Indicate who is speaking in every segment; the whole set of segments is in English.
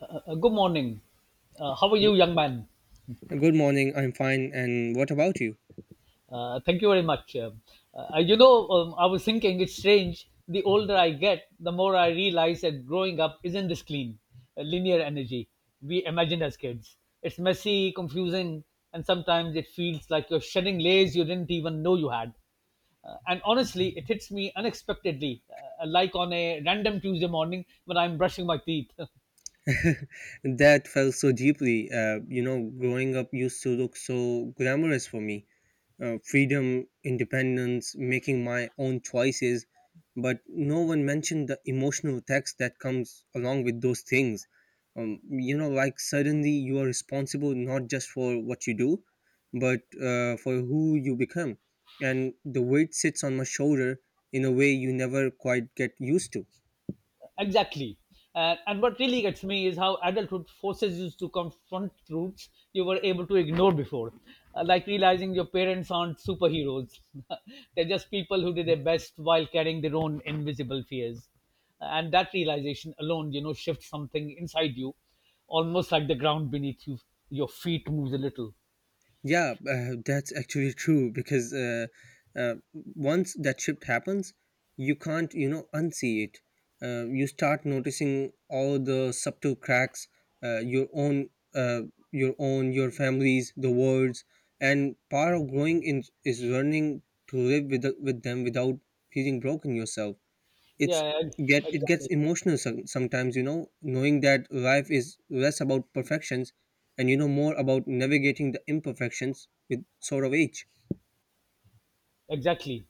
Speaker 1: Good morning. How are
Speaker 2: G-
Speaker 1: you, young man?
Speaker 2: Good morning. I'm fine. And what about you?
Speaker 1: Thank you very much. I was thinking it's strange. The older I get, the more I realize that growing up isn't this clean, linear energy we imagine as kids. It's messy, confusing, and sometimes it feels like you're shedding layers you didn't even know you had. And honestly, it hits me unexpectedly, like on a random Tuesday morning when I'm brushing my teeth.
Speaker 2: That felt so deeply. Growing up used to look so glamorous for me. Freedom, independence, making my own choices. But no one mentioned the emotional text that comes along with those things. Like suddenly you are responsible not just for what you do, but for who you become. And the weight sits on my shoulder in a way you never quite get used to.
Speaker 1: Exactly. And what really gets me is how adulthood forces you to confront truths you were able to ignore before. Like realizing your parents aren't superheroes. They're just people who did their best while carrying their own invisible fears. And that realization alone, you know, shifts something inside you, almost like the ground beneath you, your feet moves a little.
Speaker 2: Yeah, that's actually true because once that shift happens, you can't, you know, unsee it. You start noticing all the subtle cracks, uh, your own, uh, your own, your families, the words, and part of growing in, is learning to live with them without feeling broken yourself. it's
Speaker 1: Yeah,
Speaker 2: get it gets
Speaker 1: exactly.
Speaker 2: emotional sometimes, you know, knowing that life is less about perfections and, you know, more about navigating the imperfections with sort of age.
Speaker 1: Exactly.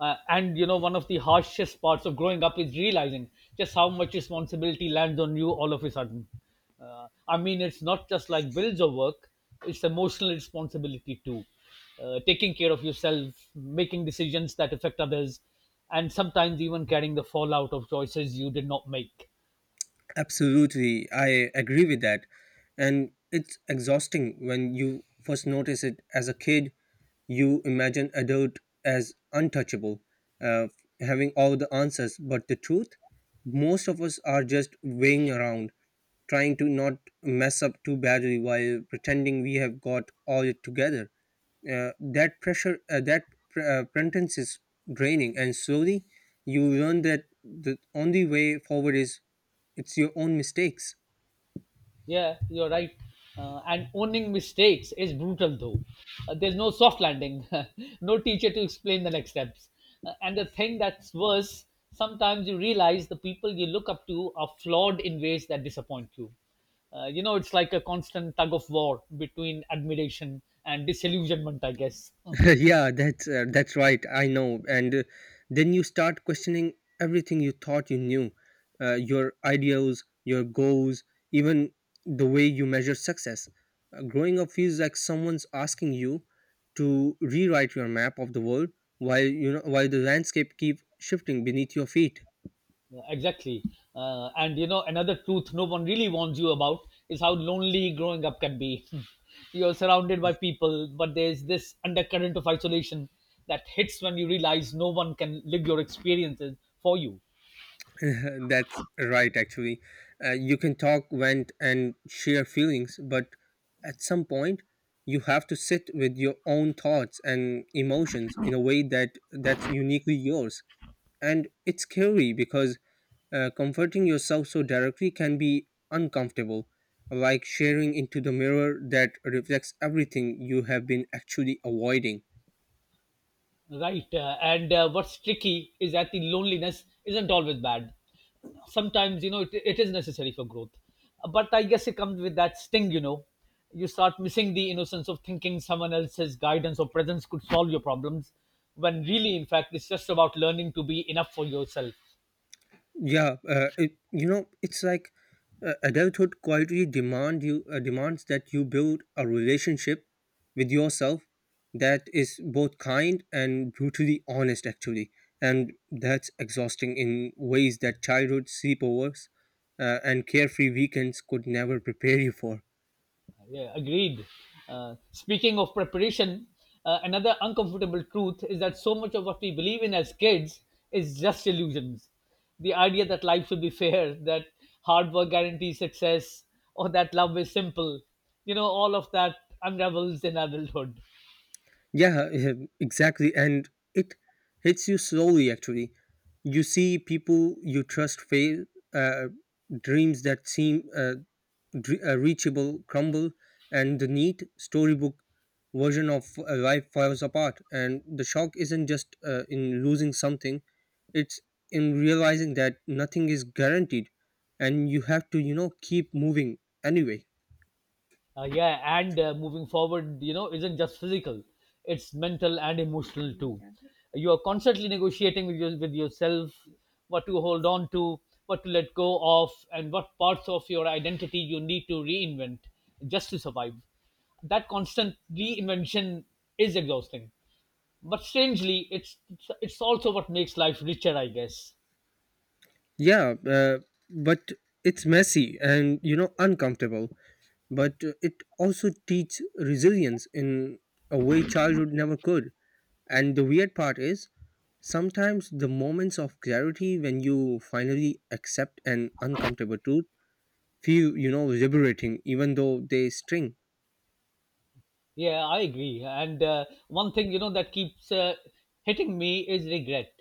Speaker 1: And you know, one of the harshest parts of growing up is realizing just how much responsibility lands on you all of a sudden. I mean, it's not just like bills or work, it's emotional responsibility too. Taking care of yourself, making decisions that affect others, and sometimes even carrying the fallout of choices you did not make.
Speaker 2: Absolutely, I agree with that, and it's exhausting when you first notice it as a kid. You imagine adult as untouchable, uh, having all the answers, but the truth, most of us are just weighing around, trying to not mess up too badly while pretending we have got all it together. That pretense is draining, and slowly you learn that the only way forward is it's your own mistakes.
Speaker 1: Yeah, you're right. And owning mistakes is brutal, though. There's no soft landing, no teacher to explain the next steps. And the thing that's worse, sometimes you realize the people you look up to are flawed in ways that disappoint you. You know, it's like a constant tug of war between admiration and disillusionment, I guess.
Speaker 2: Yeah, that's right. I know. And then you start questioning everything you thought you knew, your ideals, your goals, even the way you measure success. Growing up feels like someone's asking you to rewrite your map of the world while, you know, while the landscape keep shifting beneath your feet.
Speaker 1: Yeah, exactly. And you know, another truth no one really warns you about is how lonely growing up can be. You're surrounded by people, but there's this undercurrent of isolation that hits when you realize no one can live your experiences for you.
Speaker 2: That's right, actually. You can talk, vent, and share feelings, but at some point, you have to sit with your own thoughts and emotions in a way that's uniquely yours. And it's scary because, comforting yourself so directly can be uncomfortable, like sharing into the mirror that reflects everything you have been actually avoiding.
Speaker 1: Right. And what's tricky is that the loneliness isn't always bad. Sometimes, you know, it is necessary for growth, but I guess it comes with that sting, you know. You start missing the innocence of thinking someone else's guidance or presence could solve your problems, when really, in fact, it's just about learning to be enough for yourself.
Speaker 2: Yeah, it, you know, it's like, adulthood quietly demand you demands that you build a relationship with yourself that is both kind and brutally honest, actually, and that's exhausting in ways that childhood sleepovers and carefree weekends could never prepare you for.
Speaker 1: Yeah, agreed. Speaking of preparation, another uncomfortable truth is that so much of what we believe in as kids is just illusions. The idea that life should be fair, that hard work guarantees success, or that love is simple, you know, all of that unravels in adulthood.
Speaker 2: Yeah, yeah, exactly, and it hits you slowly. Actually, you see people you trust fail. Uh, dreams that seem reachable crumble and the neat storybook version of life falls apart, and the shock isn't just in losing something, it's in realizing that nothing is guaranteed and you have to, you know, keep moving anyway.
Speaker 1: Yeah, and moving forward, you know, isn't just physical; it's mental and emotional too. You are constantly negotiating with yourself what to hold on to, what to let go of, and what parts of your identity you need to reinvent just to survive. That constant reinvention is exhausting, but strangely, it's also what makes life richer, I guess.
Speaker 2: yeah uh, but it's messy and, you know, uncomfortable, but it also teaches resilience in a way childhood never could. And the weird part is, sometimes the moments of clarity when you finally accept an uncomfortable truth feel, you know, liberating, even though they sting.
Speaker 1: Yeah, I agree. And one thing, you know, that keeps hitting me is regret.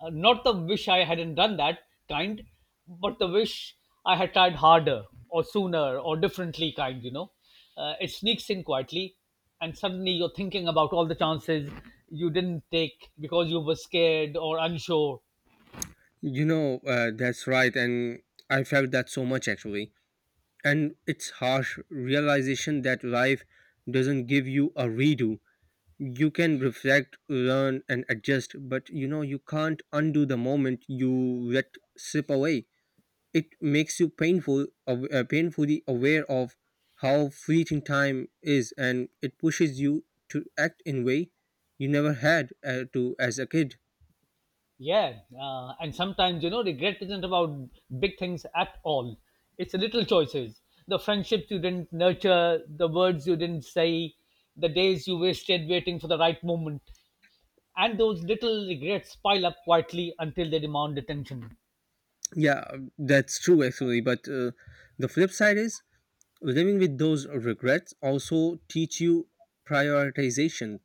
Speaker 1: Not the wish I hadn't done that kind, but the wish I had tried harder or sooner or differently kind. You know, it sneaks in quietly, and suddenly you're thinking about all the chances you didn't take because you were scared or unsure.
Speaker 2: You know, that's right. And I felt that so much actually. And it's harsh realization that life doesn't give you a redo. You can reflect, learn, and adjust, but, you know, you can't undo the moment you let slip away. It makes you painfully aware of how fleeting time is, and it pushes you to act in way you never had to as a kid.
Speaker 1: Yeah, and sometimes, you know, regret isn't about big things at all. It's little choices, the friendships you didn't nurture, the words you didn't say, the days you wasted waiting for the right moment, and those little regrets pile up quietly until they demand attention.
Speaker 2: Yeah, that's true actually, but the flip side is living with those regrets also teach you prioritization.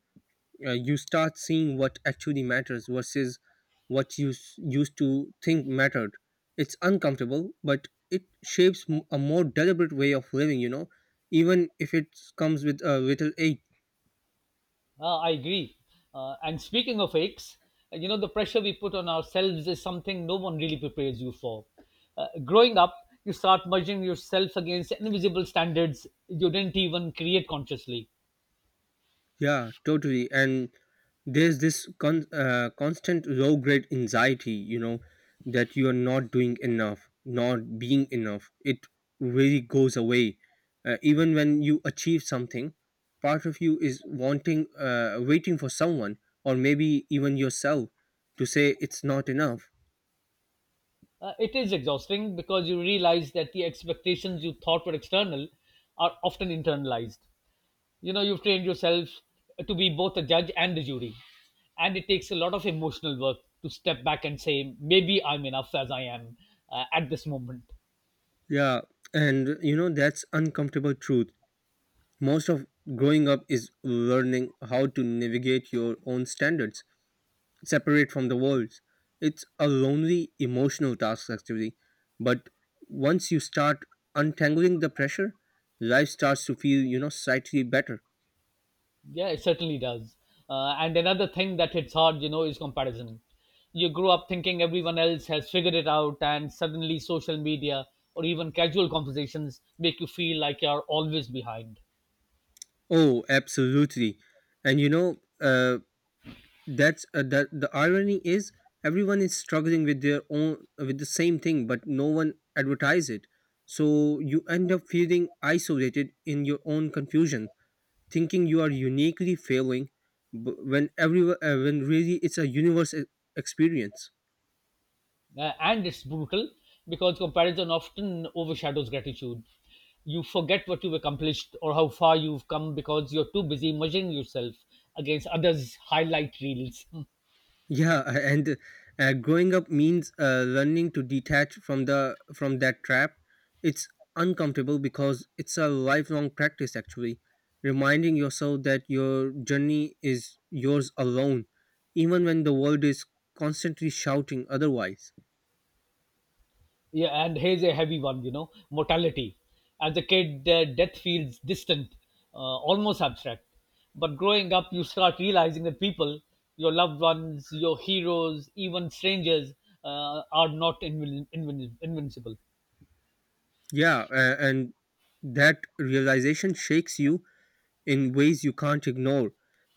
Speaker 2: You start seeing what actually matters versus what used to think mattered. It's uncomfortable, but it shapes a more deliberate way of living, you know, even if it comes with a little ache.
Speaker 1: I agree. And speaking of aches, you know, the pressure we put on ourselves is something no one really prepares you for. Growing up, you start measuring yourself against invisible standards you didn't even create consciously.
Speaker 2: Yeah, totally. And there's this constant low grade anxiety, you know, that you are not doing enough, not being enough. It really goes away. Even when you achieve something, part of you is waiting for someone or maybe even yourself to say it's not enough.
Speaker 1: It is exhausting because you realize that the expectations you thought were external are often internalized. You know, you've trained yourself to be both a judge and a jury. And it takes a lot of emotional work to step back and say, maybe I'm enough as I am at this moment.
Speaker 2: Yeah, and you know, that's uncomfortable truth. Most of growing up is learning how to navigate your own standards separate from the worlds. It's a lonely emotional task actually, but once you start untangling the pressure, life starts to feel, you know, slightly better.
Speaker 1: Yeah, it certainly does. And another thing that hits hard, you know, is comparison. You grew up thinking everyone else has figured it out, and suddenly social media or even casual conversations make you feel like you're always behind.
Speaker 2: Oh, absolutely, and you know, that the irony is everyone is struggling with their own with the same thing, but no one advertise it. So you end up feeling isolated in your own confusion, thinking you are uniquely failing, when really it's a universe experience.
Speaker 1: And it's brutal because comparison often overshadows gratitude. You forget what you've accomplished or how far you've come because you're too busy measuring yourself against others' highlight reels.
Speaker 2: Yeah. And growing up means, learning to detach from the from that trap. It's uncomfortable because it's a lifelong practice actually, reminding yourself that your journey is yours alone, even when the world is constantly shouting otherwise.
Speaker 1: Yeah, and here's a heavy one, you know, mortality. As a kid, death feels distant, almost abstract. But growing up, you start realizing that people, your loved ones, your heroes, even strangers, are not invincible.
Speaker 2: Yeah and that realization shakes you in ways you can't ignore.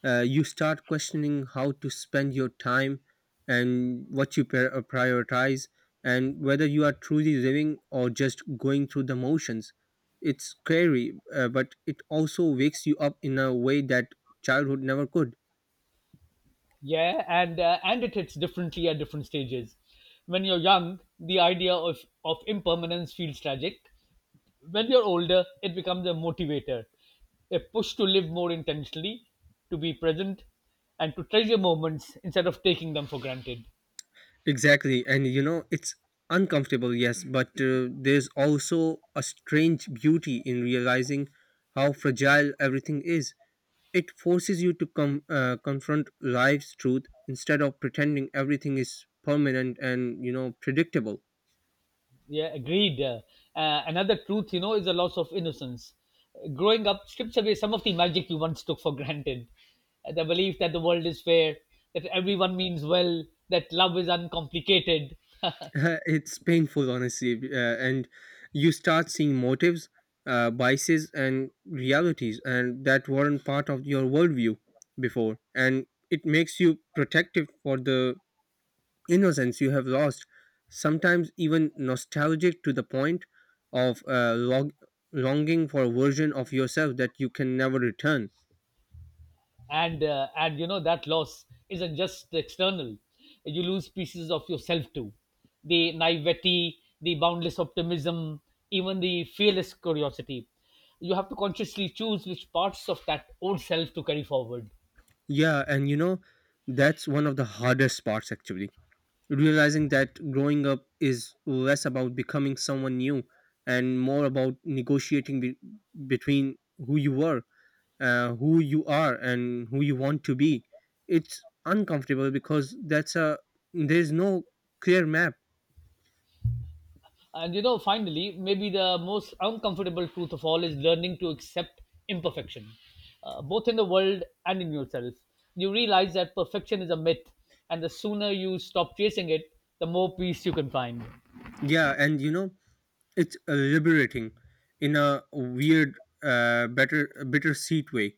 Speaker 2: You start questioning how to spend your time and what you prioritize, and whether you are truly living or just going through the motions. It's scary, but it also wakes you up in a way that childhood never could.
Speaker 1: Yeah, and it hits differently at different stages. When you're young, the idea of impermanence feels tragic. When you're older, it becomes a motivator, a push to live more intentionally, to be present, and to treasure moments instead of taking them for granted.
Speaker 2: Exactly, and you know, it's uncomfortable, yes, but there's also a strange beauty in realizing how fragile everything is. It forces you to confront life's truth instead of pretending everything is permanent and, you know, predictable.
Speaker 1: Yeah, agreed. Another truth, you know, is the loss of innocence. Growing up strips away some of the magic you once took for granted. The belief that the world is fair, that everyone means well, that love is uncomplicated.
Speaker 2: It's painful, honestly, and you start seeing motives, biases, and realities, and that weren't part of your worldview before, and it makes you protective for the innocence you have lost. Sometimes even nostalgic to the point of longing for a version of yourself that you can never return.
Speaker 1: And you know, that loss isn't just external. You lose pieces of yourself too, the naivety, the boundless optimism, even the fearless curiosity. You have to consciously choose which parts of that old self to carry forward.
Speaker 2: Yeah, and you know, that's one of the hardest parts actually. Realizing that growing up is less about becoming someone new and more about negotiating between who you were, who you are, and who you want to be. It's uncomfortable because that's a there's no clear map.
Speaker 1: And you know, finally, maybe the most uncomfortable truth of all is learning to accept imperfection, both in the world and in yourself. You realize that perfection is a myth, and the sooner you stop chasing it, the more peace you can find.
Speaker 2: Yeah, and you know, it's liberating in a weird, bitter seat way.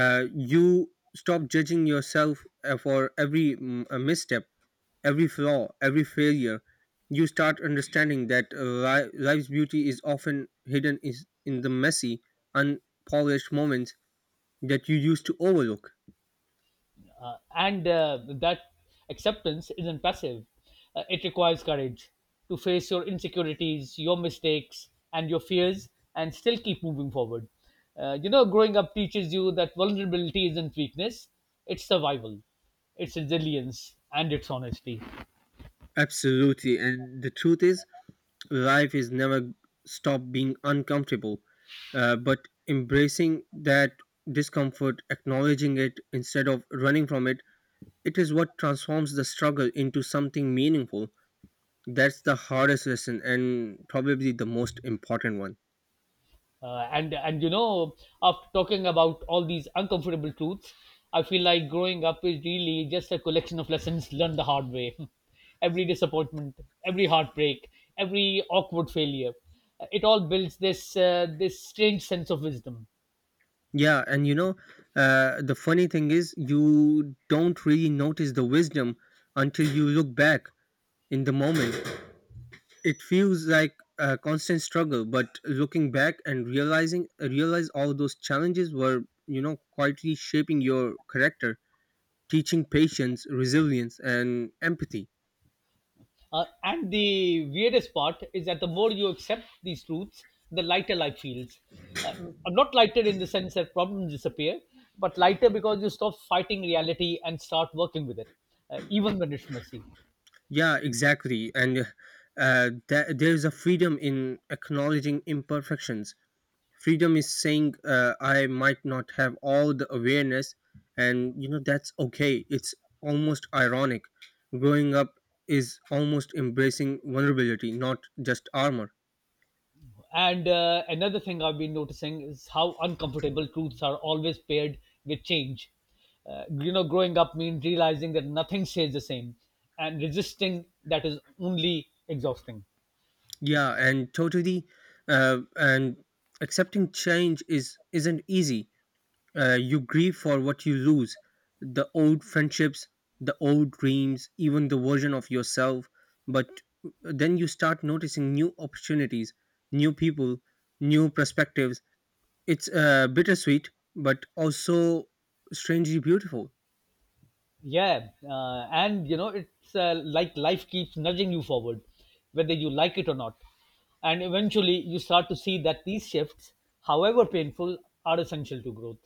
Speaker 2: You stop judging yourself for every misstep, every flaw, every failure. You start understanding that life's beauty is often hidden is in the messy, unpolished moments that you used to overlook.
Speaker 1: And that acceptance isn't passive. It requires courage to face your insecurities, your mistakes, and your fears, and still keep moving forward. You know, growing up teaches you that vulnerability isn't weakness; it's survival, it's resilience, and it's honesty.
Speaker 2: Absolutely, and the truth is, life is never stop being uncomfortable, but embracing that discomfort, acknowledging it instead of running from it, it is what transforms the struggle into something meaningful. That's the hardest lesson and probably the most important one.
Speaker 1: And you know, after talking about all these uncomfortable truths, I feel like growing up is really just a collection of lessons learned the hard way. Every disappointment, every heartbreak, every awkward failure, it all builds this strange sense of wisdom.
Speaker 2: Yeah, and you know, the funny thing is you don't really notice the wisdom until you look back. In the moment, it feels like a constant struggle, but looking back and realizing realize all those challenges were, you know, quietly shaping your character, teaching patience, resilience, and empathy.
Speaker 1: And the weirdest part is that the more you accept these truths, the lighter life feels. Uh, Not lighter in the sense that problems disappear, but lighter because you stop fighting reality and start working with it, even when it's messy.
Speaker 2: Yeah, exactly. And that, there's a freedom in acknowledging imperfections, freedom is saying, I might not have all the awareness, and you know that's okay. It's almost ironic, growing up is almost embracing vulnerability, not just armor.
Speaker 1: And another thing I've been noticing is how uncomfortable truths are always paired with change. You know, growing up means realizing that nothing stays the same, and resisting that is only exhausting.
Speaker 2: Yeah and totally. And accepting change is isn't easy. You grieve for what you lose, the old friendships, the old dreams, even the version of yourself. But then you start noticing new opportunities, new people, new perspectives. It's bittersweet, but also strangely beautiful.
Speaker 1: Yeah, and you know, it's like life keeps nudging you forward, whether you like it or not, and eventually you start to see that these shifts, however painful, are essential to growth.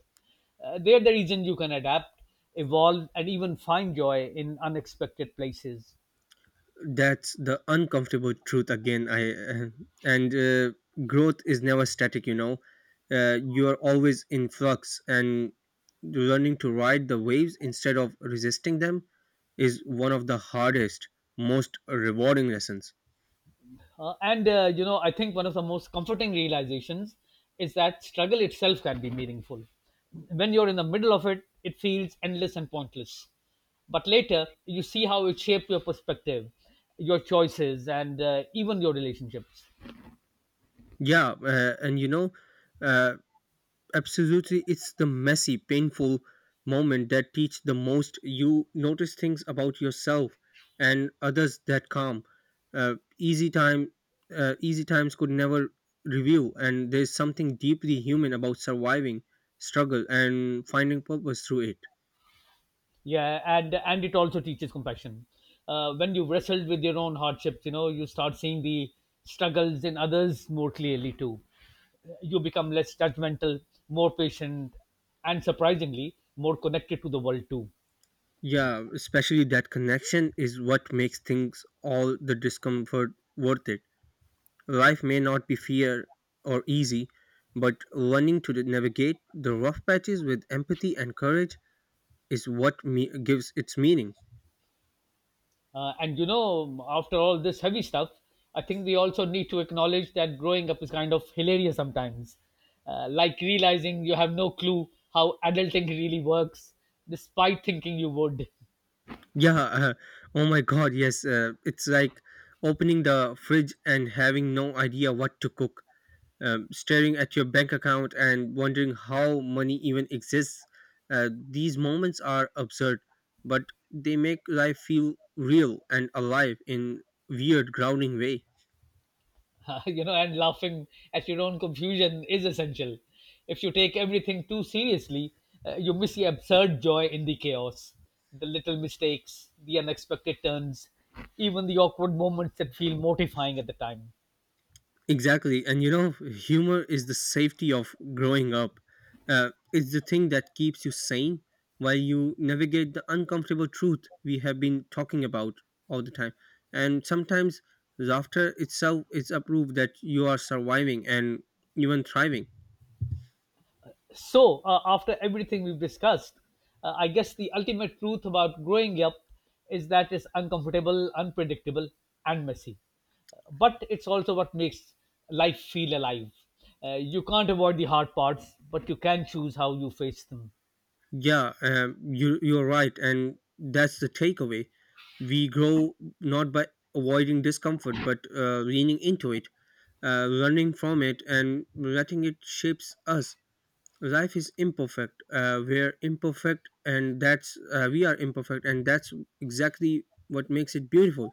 Speaker 1: They're the reason you can adapt, evolve, and even find joy in unexpected places.
Speaker 2: That's the uncomfortable truth again. I and Growth is never static. You know, you are always in flux, and learning to ride the waves instead of resisting them is one of the hardest, most rewarding lessons.
Speaker 1: And you know, I think one of the most comforting realizations is that struggle itself can be meaningful. When you're in the middle of it, it feels endless and pointless. But later, you see how it shaped your perspective, your choices, and even your relationships.
Speaker 2: Yeah, uh, absolutely, it's the messy, painful moment that teach the most. You notice things about yourself and others that calm. Uh, easy time, Easy times could never review, and there's something deeply human about surviving, struggle, and finding purpose through it.
Speaker 1: Yeah, and it also teaches compassion. When you've wrestled with your own hardships, you know, you start seeing the struggles in others more clearly too. You become less judgmental, more patient, and surprisingly more connected to the world too.
Speaker 2: Yeah, especially that connection is what makes things all the discomfort worth it. Life may not be fair or easy, but learning to navigate the rough patches with empathy and courage is what gives its meaning.
Speaker 1: And you know, after all this heavy stuff, I think we also need to acknowledge that growing up is kind of hilarious sometimes, like realizing you have no clue how adulting really works despite thinking you would.
Speaker 2: Yeah, oh my god, yes, it's like opening the fridge and having no idea what to cook. Staring at your bank account and wondering how money even exists. These moments are absurd, but they make life feel real and alive in weird grounding way.
Speaker 1: You know, and laughing at your own confusion is essential. If you take everything too seriously, you miss the absurd joy in the chaos, the little mistakes, the unexpected turns, even the awkward moments that feel mortifying at the time.
Speaker 2: Exactly. And you know, humor is the safety of growing up. It's the thing that keeps you sane while you navigate the uncomfortable truth we have been talking about all the time. And sometimes laughter itself is a proof that you are surviving and even thriving.
Speaker 1: So, after everything we've discussed, I guess the ultimate truth about growing up is that it's uncomfortable, unpredictable, and messy. But it's also what makes life feel alive. You can't avoid the hard parts, but you can choose how you face them.
Speaker 2: Yeah, you're right. And that's the takeaway. We grow not by avoiding discomfort, but leaning into it, running from it, and letting it shapes us. Life is imperfect, we're imperfect, and that's exactly what makes it beautiful.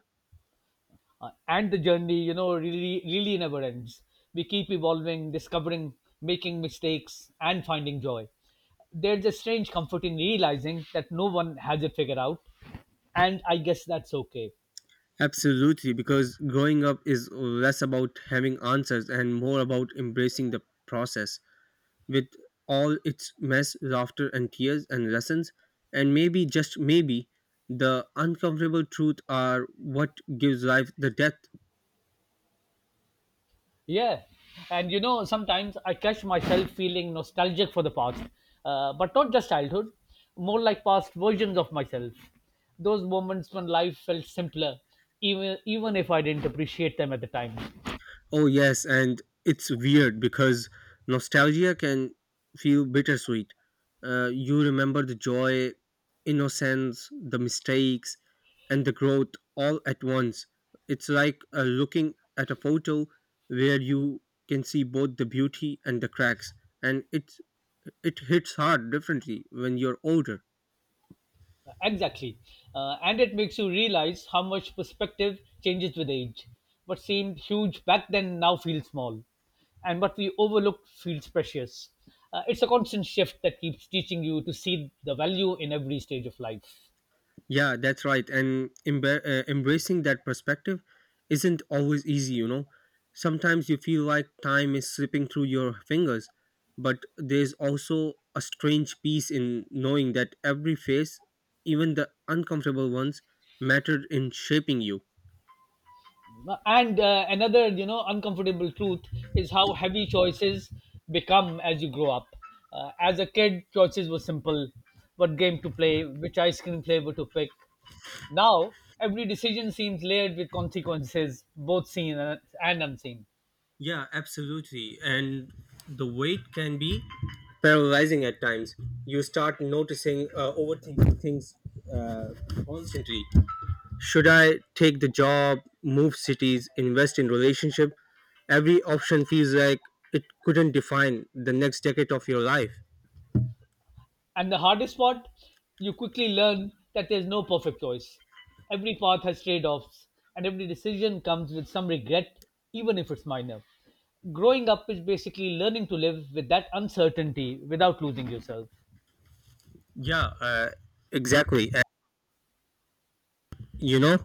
Speaker 1: And the journey, you know, really really never ends. We keep evolving, discovering, making mistakes, and finding joy. There's a strange comfort in realizing that no one has it figured out, and I guess that's okay.
Speaker 2: Absolutely, because growing up is less about having answers and more about embracing the process, with all its mess, laughter and tears and lessons. And maybe, just maybe, the uncomfortable truth are what gives life the depth.
Speaker 1: Yeah, and you know, sometimes I catch myself feeling nostalgic for the past, but not just childhood, more like past versions of myself, those moments when life felt simpler, even if I didn't appreciate them at the time.
Speaker 2: Oh yes, and it's weird because nostalgia can feel bittersweet. You remember the joy, innocence, the mistakes, and the growth all at once. It's like looking at a photo where you can see both the beauty and the cracks, and it hits hard differently when you're older.
Speaker 1: Exactly. And it makes you realize how much perspective changes with age. What seemed huge back then now feels small. And what we overlooked feels precious. It's a constant shift that keeps teaching you to see the value in every stage of life.
Speaker 2: Yeah, that's right. And embracing that perspective isn't always easy, you know. Sometimes you feel like time is slipping through your fingers, but there's also a strange peace in knowing that every phase, even the uncomfortable ones, mattered in shaping you.
Speaker 1: And another, you know, uncomfortable truth is how heavy choices become as you grow up. As a kid, choices were simple: what game to play, which ice cream flavor to pick. Now, every decision seems layered with consequences, both seen and unseen.
Speaker 2: Yeah, absolutely. And the weight can be paralyzing at times. You start noticing, overthinking things uh, constantly. Should I take the job, move cities, invest in relationship? Every option feels like it couldn't define the next decade of your life.
Speaker 1: And the hardest part, you quickly learn that there's no perfect choice. Every path has trade offs, and every decision comes with some regret, even if it's minor. Growing up is basically learning to live with that uncertainty without losing yourself.
Speaker 2: Yeah, uh, exactly. And, you know,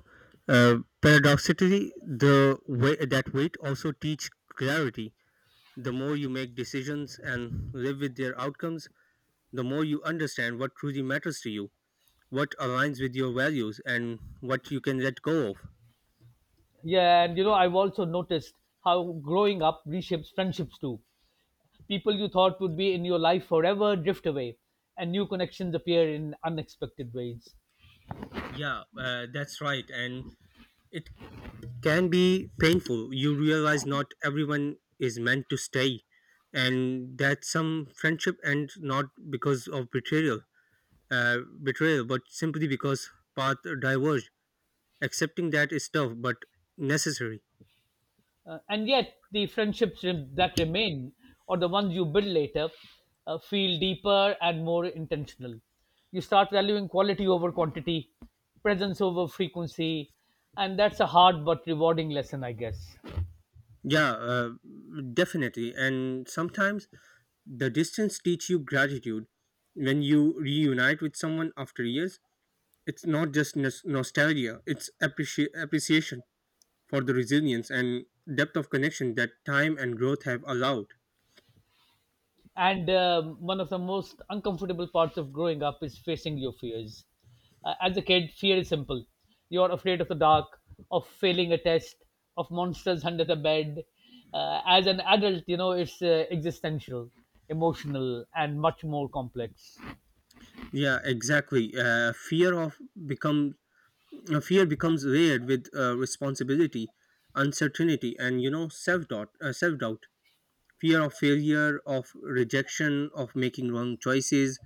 Speaker 2: uh, paradoxically, the way that weight also teach clarity. The more you make decisions and live with their outcomes, the more you understand what truly matters to you, what aligns with your values, and what you can let go of.
Speaker 1: Yeah, and you know, I've also noticed how growing up reshapes friendships too. People you thought would be in your life forever drift away, and new connections appear in unexpected ways.
Speaker 2: Yeah, that's right, and it can be painful. You realize not everyone is meant to stay, and that some friendship end not because of betrayal, but simply because path diverged. Accepting that is tough, but necessary.
Speaker 1: And yet, the friendships that remain, or the ones you build later, feel deeper and more intentional. You start valuing quality over quantity, presence over frequency, and that's a hard but rewarding lesson, I guess.
Speaker 2: Yeah, uh, Definitely. And sometimes the distance teach you gratitude. When you reunite with someone after years, it's not just nostalgia; it's appreciation for the resilience and depth of connection that time and growth have allowed.
Speaker 1: And one of the most uncomfortable parts of growing up is facing your fears. As a kid, fear is simple. You are afraid of the dark, of failing a test, of monsters under the bed. As an adult, you know, it's existential, emotional, and much more complex.
Speaker 2: Yeah, exactly. Become Fear becomes layered with responsibility, uncertainty, and you know, self doubt, fear of failure, of rejection, of making wrong choices.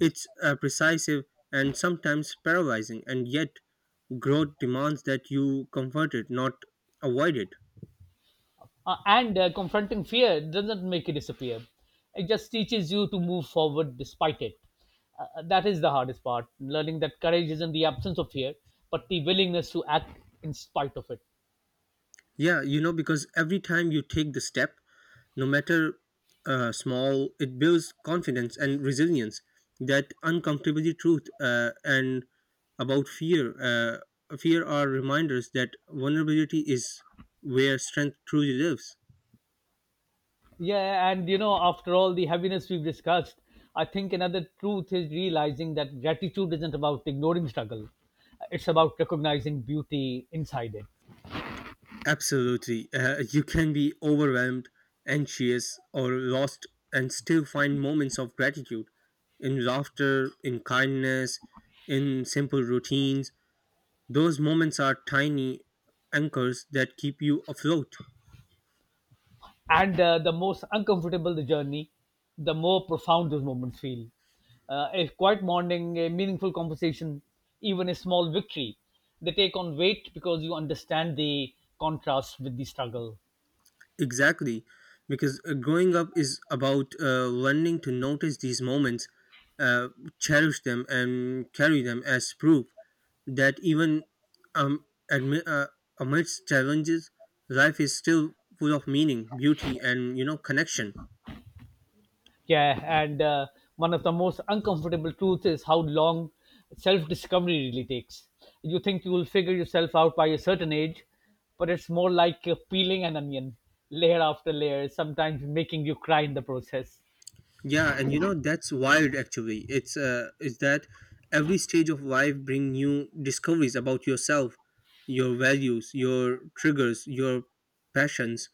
Speaker 2: It's precisive and sometimes paralyzing, and yet growth demands that you comfort it, not avoid it.
Speaker 1: And confronting fear doesn't make it disappear. It just teaches you to move forward despite it. That is the hardest part, learning that courage isn't the absence of fear, but the willingness to act in spite of it.
Speaker 2: Yeah, you know, because every time you take the step, no matter small, it builds confidence and resilience. That uncomfortability, truth and about fear, fear are reminders that vulnerability is where strength truly lives.
Speaker 1: Yeah, and you know, after all the heaviness we've discussed, I think another truth is realizing that gratitude isn't about ignoring struggle. It's about recognizing beauty inside it.
Speaker 2: Absolutely, you can be overwhelmed, anxious, or lost, and still find moments of gratitude in laughter, in kindness, in simple routines. Those moments are tiny anchors that keep you afloat.
Speaker 1: And uh, the most uncomfortable the journey, the more profound those moments feel. A quiet morning, a meaningful conversation, even a small victory, they take on weight because you understand the contrast with the struggle.
Speaker 2: Exactly, because growing up is about learning to notice these moments, uh, cherish them, and carry them as proof that even um, admi- uh, amidst challenges, life is still full of meaning, beauty, and you know, connection.
Speaker 1: Yeah, and One of the most uncomfortable truths is how long self discovery really takes. You think you will figure yourself out by a certain age, but it's more like peeling an onion, layer after layer, sometimes making you cry in the process.
Speaker 2: Yeah, and you know, that's wild actually. It's is that every stage of life bring new discoveries about yourself, your values, your triggers, your passions.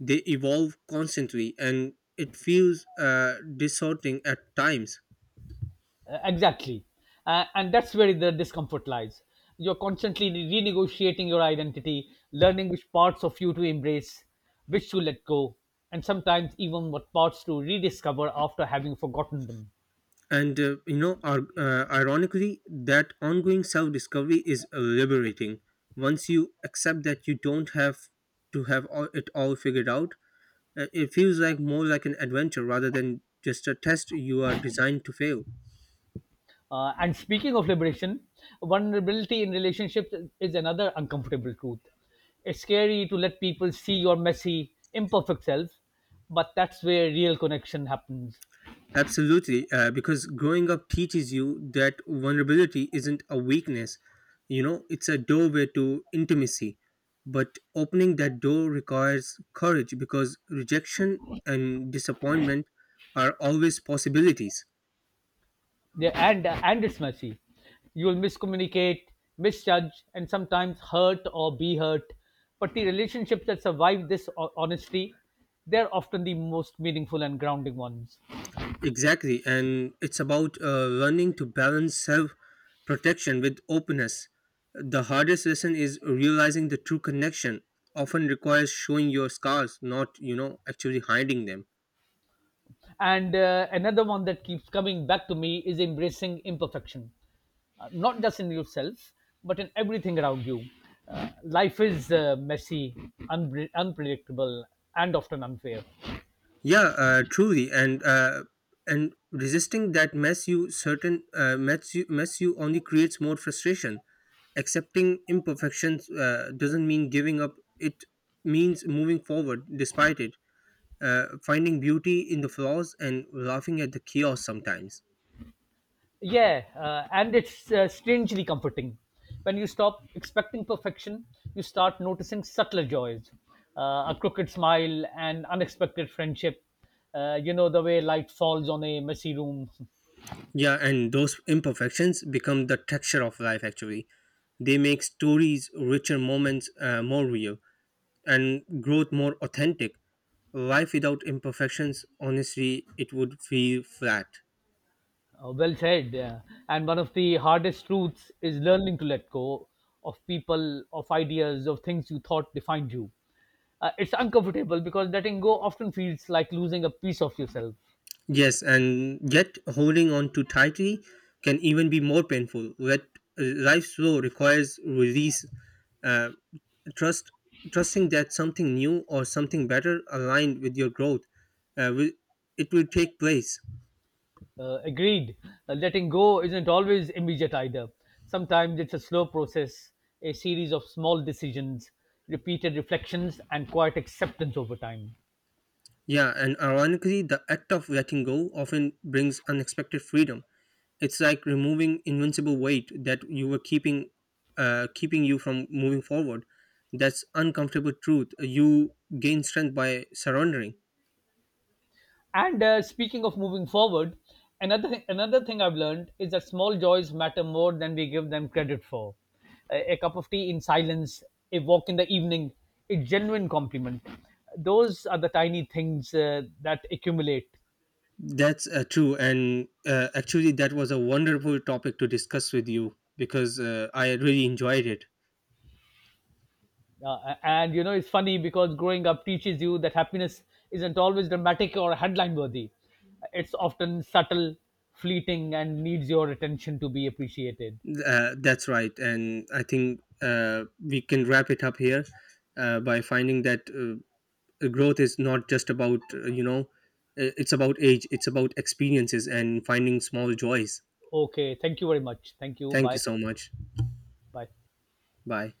Speaker 2: They evolve constantly and it feels disheartening at times.
Speaker 1: Exactly. And that's where the discomfort lies. You're constantly renegotiating your identity, learning which parts of you to embrace, which to let go, and sometimes even what parts to rediscover after having forgotten them.
Speaker 2: And ironically, that ongoing self-discovery is liberating. Once you accept that you don't have it all figured out, it feels like more like an adventure rather than just a test you are designed to fail.
Speaker 1: And speaking of liberation, vulnerability in relationships is another uncomfortable truth. It's scary to let people see your messy, imperfect self, but that's where real connection happens.
Speaker 2: Absolutely, because growing up teaches you that vulnerability isn't a weakness. You know, it's a doorway to intimacy. But opening that door requires courage because rejection and disappointment are always possibilities.
Speaker 1: Yeah, and it's messy. You will miscommunicate, misjudge, and sometimes hurt or be hurt. But the relationships that survive this honesty, they're often the most meaningful and grounding ones.
Speaker 2: Exactly, and it's about learning to balance self protection with openness. The hardest lesson is realizing the true connection. Often requires showing your scars, not, you know, actually hiding them.
Speaker 1: And another one that keeps coming back to me is embracing imperfection. Not just in yourself, but in everything around you. Life is messy, unpredictable, and often unfair.
Speaker 2: Yeah, Truly, and resisting that mess you certain mess you only creates more frustration. Accepting imperfections doesn't mean giving up. It means moving forward despite it. Finding beauty in the flaws and laughing at the chaos sometimes.
Speaker 1: Yeah, and it's strangely comforting. When you stop expecting perfection, you start noticing subtler joys, a crooked smile, an unexpected friendship. You know, the way light falls on a messy room.
Speaker 2: Yeah, and those imperfections become the texture of life actually. They make stories, richer moments more real, and growth more authentic. Life without imperfections, honestly, it would feel flat.
Speaker 1: Well said. Yeah. And one of the hardest truths is learning to let go of people, of ideas, of things you thought defined you. It's uncomfortable because letting go often feels like losing a piece of yourself.
Speaker 2: Yes, and yet holding on too tightly can even be more painful. That life's flow requires release. Uh, trust, Trusting that something new or something better aligned with your growth, uh, will, it will take place.
Speaker 1: Agreed. Letting go isn't always immediate either. Sometimes it's a slow process, a series of small decisions, repeated reflections, and quiet acceptance over time.
Speaker 2: Yeah, and ironically, the act of letting go often brings unexpected freedom. It's like removing invincible weight that you were keeping you from moving forward. That's uncomfortable truth. You gain strength by surrendering.
Speaker 1: And speaking of moving forward, another thing I've learned is that small joys matter more than we give them credit for. A cup of tea in silence, a walk in the evening, a genuine compliment. Those are the tiny things that accumulate.
Speaker 2: That's true, and actually, that was a wonderful topic to discuss with you because I really enjoyed it.
Speaker 1: And you know, it's funny because growing up teaches you that happiness isn't always dramatic or headline worthy. It's often subtle, fleeting, and needs your attention to be appreciated.
Speaker 2: That's right, and I think we can wrap it up here by finding that growth is not just about, you know, it's about age, it's about experiences and finding small joys.
Speaker 1: Okay, thank you very much. Thank you.
Speaker 2: Thank you
Speaker 1: Bye.
Speaker 2: so much.
Speaker 1: Bye.
Speaker 2: Bye.